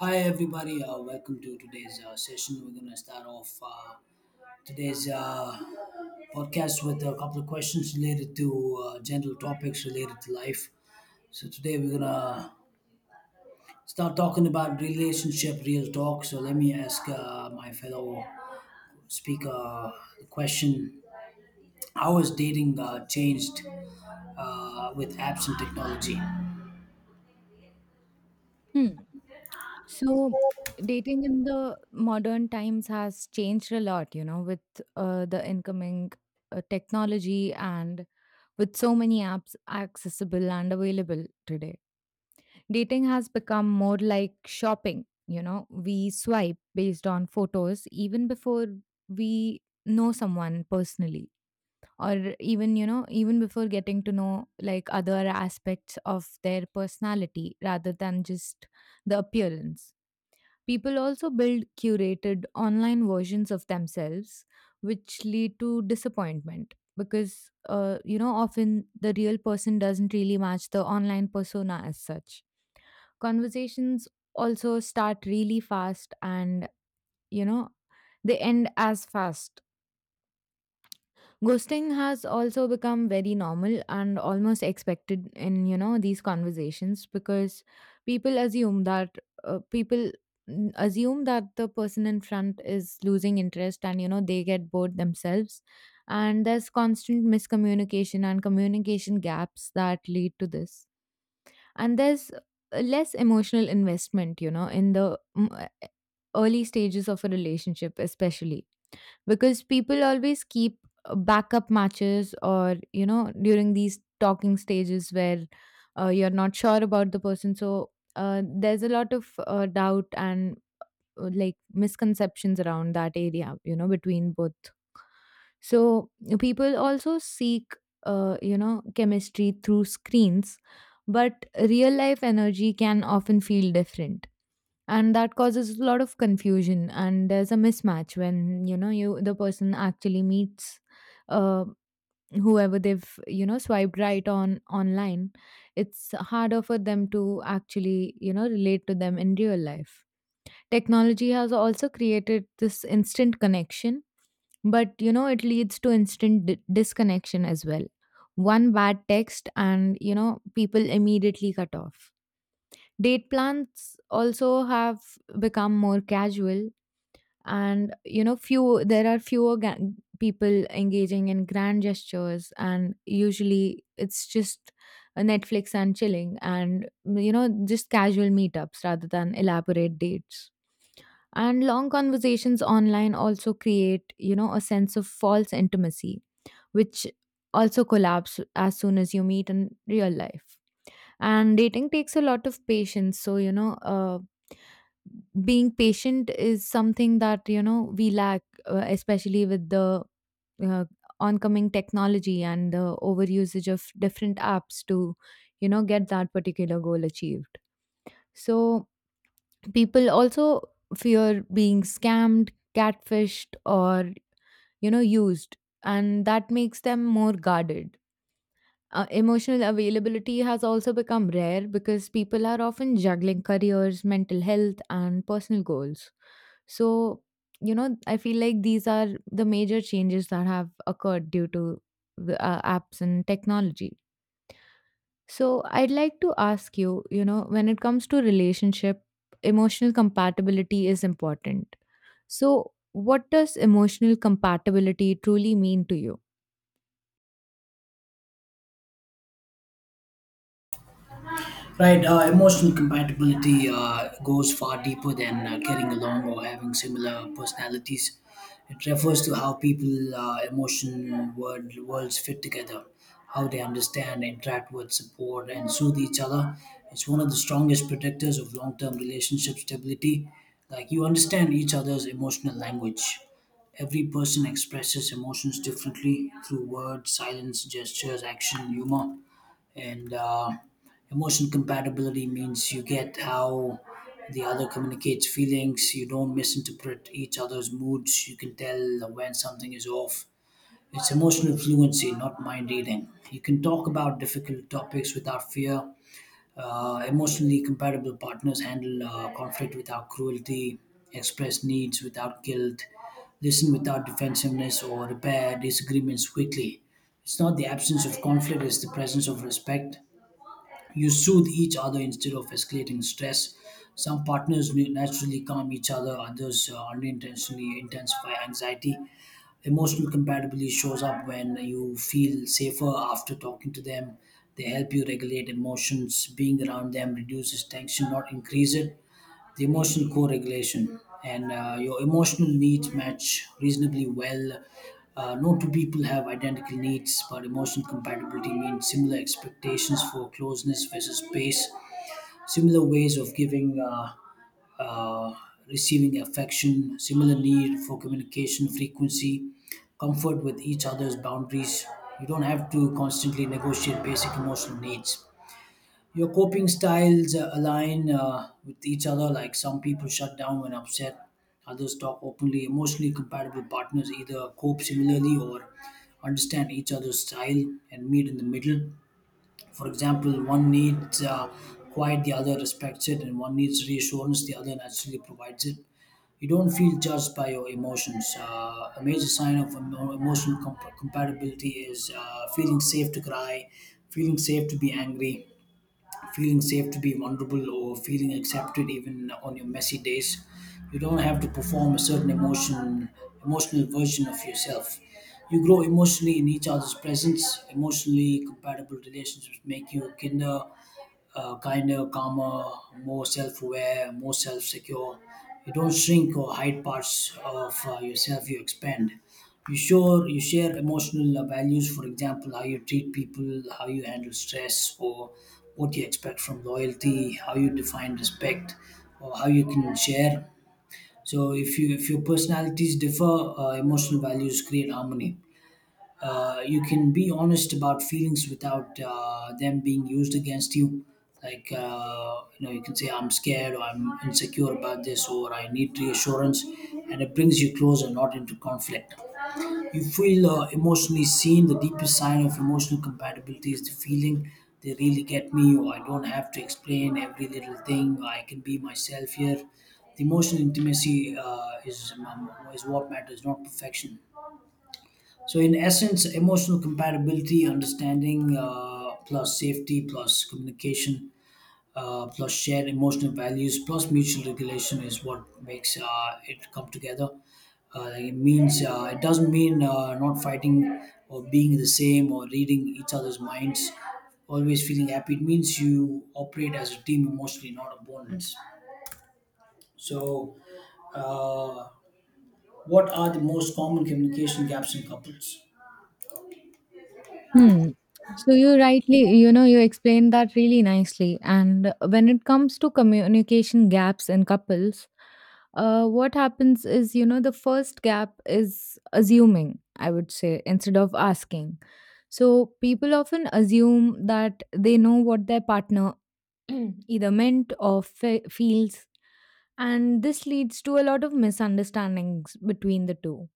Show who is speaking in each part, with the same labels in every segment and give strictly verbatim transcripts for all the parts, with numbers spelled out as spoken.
Speaker 1: Hi everybody, uh, welcome to today's uh, session. We're gonna start off uh, today's uh, podcast with a couple of questions related to uh, general topics related to life. So today we're gonna start talking about relationship, real talk. So let me ask uh, my fellow speaker the question: How has dating uh, changed uh, with apps and technology?
Speaker 2: Hmm. So dating in the modern times has changed a lot, you know, with uh, the incoming uh, technology and with so many apps accessible and available today. Dating has become more like shopping. You know, we swipe based on photos even before we know someone personally, or even you know even before getting to know like other aspects of their personality rather than just the appearance. People also build curated online versions of themselves, which lead to disappointment because, uh, you know, often the real person doesn't really match the online persona as such. Conversations also start really fast and, you know, they end as fast. Ghosting has also become very normal and almost expected in you know these conversations, because people assume that uh, people mm, assume that the person in front is losing interest, and you know they get bored themselves. And there's constant miscommunication and communication gaps that lead to this, and there's uh, less emotional investment you know in the mm, e, early stages of a relationship especially, because people always keep uh, backup matches, or you know during these talking stages where uh, you're not sure about the person. So uh, there's a lot of uh, doubt and uh, like misconceptions around that area you know between both. So people also seek, uh, you know, chemistry through screens, but real life energy can often feel different. And that causes a lot of confusion, and there's a mismatch when you know you the person actually meets uh, whoever they've you know swiped right on online. It's harder for them to actually you know relate to them in real life. Technology has also created this instant connection, but you know, it leads to instant di- disconnection as well. One bad text, and you know, people immediately cut off. Date plans also have become more casual, and you know, few there are fewer ga- people engaging in grand gestures, and usually it's just a Netflix and chilling, and you know, just casual meetups rather than elaborate dates. And long conversations online also create, you know, a sense of false intimacy, which also collapse as soon as you meet in real life. And dating takes a lot of patience. So, you know, uh, being patient is something that, you know, we lack, uh, especially with the uh, oncoming technology and the overusage of different apps to, you know, get that particular goal achieved. So, people also fear being scammed, catfished, or, you know, used, and that makes them more guarded. Uh, emotional availability has also become rare because people are often juggling careers, mental health, and personal goals. So, you know, I feel like these are the major changes that have occurred due to the uh, apps and technology. So I'd like to ask you, you know, when it comes to relationship, emotional compatibility is important. So what does emotional compatibility truly mean to you?
Speaker 1: Right, uh, emotional compatibility uh, goes far deeper than uh, getting along or having similar personalities. It refers to how people, uh, emotion, world, worlds fit together, how they understand, interact with, support, and soothe each other. It's one of the strongest predictors of long term relationship stability. Like you understand each other's emotional language. Every person expresses emotions differently through words, silence, gestures, action, humor, and uh, Emotion compatibility means you get how the other communicates feelings. You don't misinterpret each other's moods, you can tell when something is off. It's emotional fluency, not mind reading. You can talk about difficult topics without fear. Uh, emotionally compatible partners handle uh, conflict without cruelty, express needs without guilt, listen without defensiveness, or repair disagreements quickly. It's not the absence of conflict, it's the presence of respect. You soothe each other instead of escalating stress. Some partners na- naturally calm each other, others uh, unintentionally intensify anxiety. Emotional compatibility shows up when you feel safer after talking to them. They help you regulate emotions. Being around them reduces tension, not increase it. The emotional co-regulation and uh, your emotional needs match reasonably well. Uh, no two people have identical needs, but emotional compatibility means similar expectations for closeness versus space, similar ways of giving uh, uh, receiving affection, similar need for communication frequency, comfort with each other's boundaries. You don't have to constantly negotiate basic emotional needs. Your coping styles uh, align uh, with each other. Like some people shut down when upset, others talk openly. Emotionally compatible partners either cope similarly or understand each other's style and meet in the middle. For example, one needs uh, quiet, the other respects it, and one needs reassurance, the other naturally provides it. You don't feel judged by your emotions. Uh, a major sign of emo- emotional comp- compatibility is uh, feeling safe to cry, feeling safe to be angry, feeling safe to be vulnerable, or feeling accepted even on your messy days. You don't have to perform a certain emotion, emotional version of yourself. You grow emotionally in each other's presence. Emotionally compatible relationships make you kinder, uh, kinder, calmer, more self-aware, more self-secure. You don't shrink or hide parts of uh, yourself, you expand. You sure you share emotional uh, values. For example, how you treat people, how you handle stress, or what you expect from loyalty, how you define respect, or how you can share. So if you if your personalities differ, uh, emotional values create harmony. Uh, you can be honest about feelings without uh, them being used against you. Like, uh, you know, you can say I'm scared, or I'm insecure about this, or I need reassurance, and it brings you closer, not into conflict. You feel uh, emotionally seen. The deepest sign of emotional compatibility is the feeling, they really get me, or I don't have to explain every little thing, I can be myself here. The emotional intimacy uh, is, um, um, is what matters, not perfection. So in essence, emotional compatibility, understanding uh, plus safety plus communication uh, plus shared emotional values plus mutual regulation is what makes uh, it come together. Uh, like, it means uh, it doesn't mean uh, not fighting, or being the same, or reading each other's minds, always feeling happy. It means you operate as a team emotionally, not opponents. So, uh, what are the most common communication gaps in couples?
Speaker 2: Hmm. So you rightly, you know, you explained that really nicely. And when it comes to communication gaps in couples, uh, what happens is, you know, the first gap is assuming, I would say, instead of asking. So people often assume that they know what their partner either meant or fe- feels, and this leads to a lot of misunderstandings between the two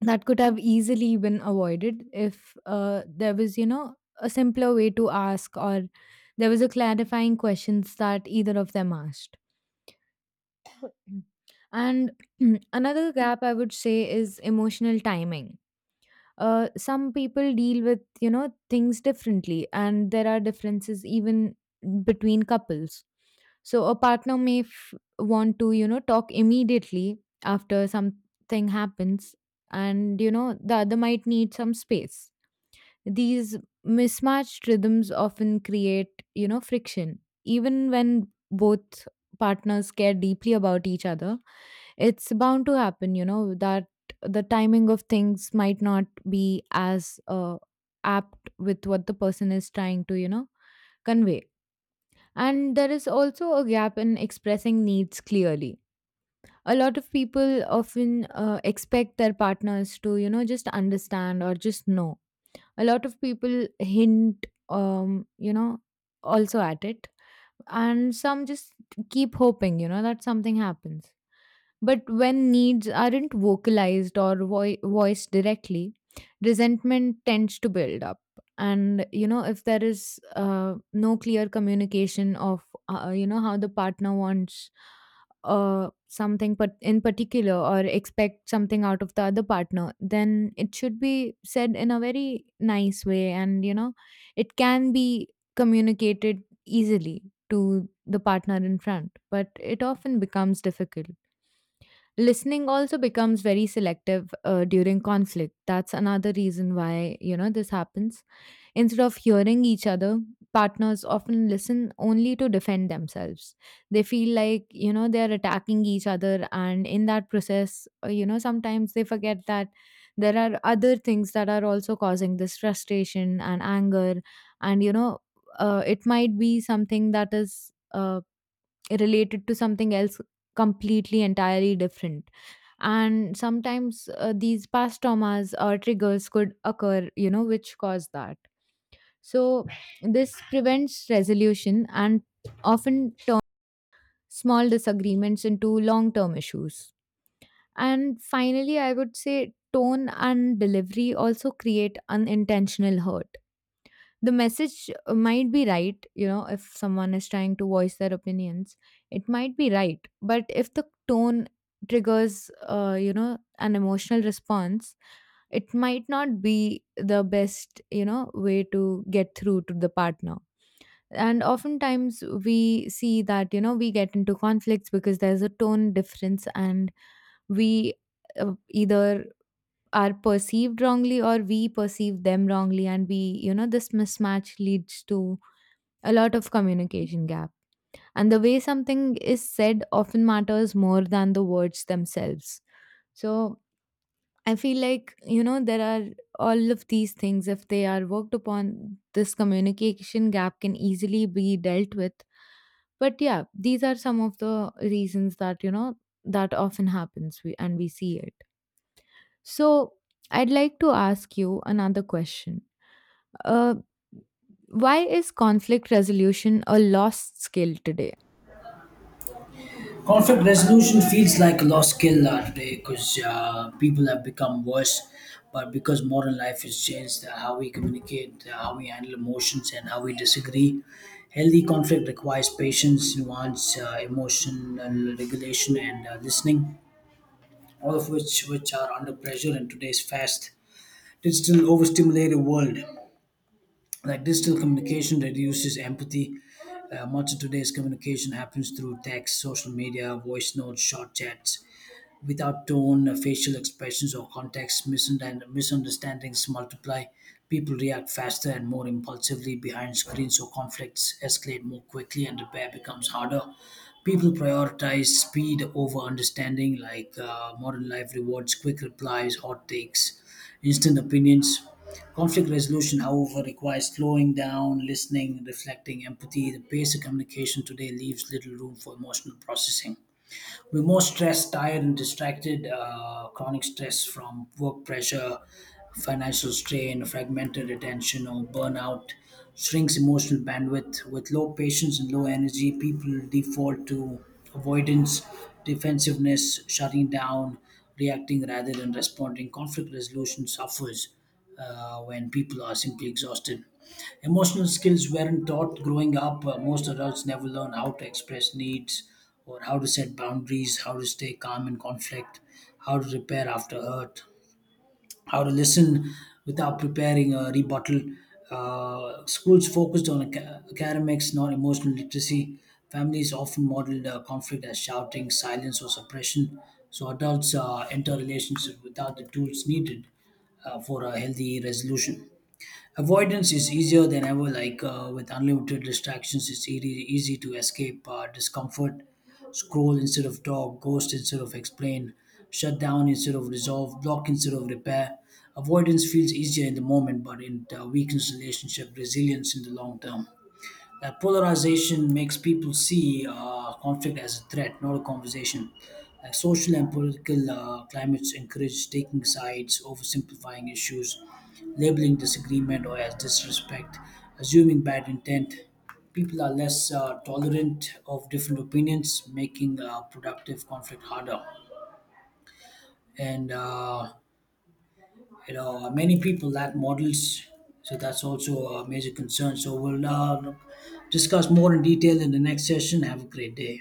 Speaker 2: that could have easily been avoided if uh, there was you know a simpler way to ask, or there was a clarifying questions that either of them asked. Mm. And another gap I would say is emotional timing. Uh, some people deal with you know things differently, and there are differences even between couples. So a partner may f- want to, you know, talk immediately after something happens, and you know, the other might need some space. These mismatched rhythms often create, you know, friction. Even when both partners care deeply about each other, it's bound to happen, you know, that the timing of things might not be as uh, apt with what the person is trying to, you know, convey. And there is also a gap in expressing needs clearly. A lot of people often uh, expect their partners to, you know, just understand or just know. A lot of people hint, um, you know, also at it. And some just keep hoping, you know, that something happens. But when needs aren't vocalized or voi- voiced directly, resentment tends to build up. And, you know, if there is uh, no clear communication of, uh, you know, how the partner wants uh, something but in particular or expect something out of the other partner, then it should be said in a very nice way. And, you know, it can be communicated easily to the partner in front, but it often becomes difficult. Listening also becomes very selective uh, during conflict. That's another reason why, you know, this happens. Instead of hearing each other, partners often listen only to defend themselves. They feel like, you know, they're attacking each other. And in that process, uh, you know, sometimes they forget that there are other things that are also causing this frustration and anger. And, you know, uh, it might be something that is uh, related to something else completely entirely different. And sometimes uh, these past traumas or triggers could occur you know which cause that. So this prevents resolution and often turns small disagreements into long term issues. And finally I would say tone and delivery also create unintentional hurt. The message might be right, you know, if someone is trying to voice their opinions, it might be right, but if the tone triggers uh, you know an emotional response, it might not be the best you know way to get through to the partner. And oftentimes we see that you know we get into conflicts because there's a tone difference, and we uh, either are perceived wrongly or we perceive them wrongly, and we you know this mismatch leads to a lot of communication gap. And the way something is said often matters more than the words themselves. So I feel like, you know, there are all of these things, if they are worked upon, this communication gap can easily be dealt with. But yeah, these are some of the reasons that, you know, that often happens we, and we see it. So I'd like to ask you another question. Uh, why is conflict resolution a lost skill today?
Speaker 1: Conflict resolution feels like a lost skill uh, today, because uh, people have become worse. But because modern life has changed, uh, how we communicate, uh, how we handle emotions, and how we disagree, healthy conflict requires patience, nuance, uh, emotional regulation, and uh, listening. All of which which are under pressure in today's fast digital overstimulated world. Like, digital communication reduces empathy. Uh, much of today's communication happens through text, social media, voice notes, short chats, without tone, facial expressions, or context, misund- misunderstandings multiply. People react faster and more impulsively behind screens, so conflicts escalate more quickly and repair becomes harder. People prioritize speed over understanding. Like, uh, modern life rewards quick replies, hot takes, instant opinions. Conflict resolution, however, requires slowing down, listening, reflecting, empathy. The pace of communication today leaves little room for emotional processing. We're more stressed, tired, and distracted. Uh, chronic stress from work pressure, financial strain, fragmented attention, or burnout shrinks emotional bandwidth. With low patience and low energy, people default to avoidance, defensiveness, shutting down, reacting rather than responding. Conflict resolution suffers uh, when people are simply exhausted. Emotional skills weren't taught growing up. Uh, most adults never learn how to express needs, or how to set boundaries, how to stay calm in conflict, how to repair after hurt, how to listen without preparing a rebuttal. Uh, schools focused on aca- academics, not emotional literacy. Families often modeled uh, conflict as shouting, silence, or suppression. So adults uh, enter relationships without the tools needed uh, for a healthy resolution. Avoidance is easier than ever. Like, uh, with unlimited distractions, it's easy, easy to escape uh, discomfort, scroll instead of talk, ghost instead of explain, shut down instead of resolve, block instead of repair. Avoidance feels easier in the moment, but it uh, weakens relationship resilience in the long term. That polarization makes people see uh, conflict as a threat, not a conversation. Like, social and political uh, climates encourage taking sides, oversimplifying issues, labeling disagreement or as disrespect, assuming bad intent. People are less uh, tolerant of different opinions, making uh, productive conflict harder. And uh, you know, many people lack models, so that's also a major concern. So we'll uh, discuss more in detail in the next session. Have a great day.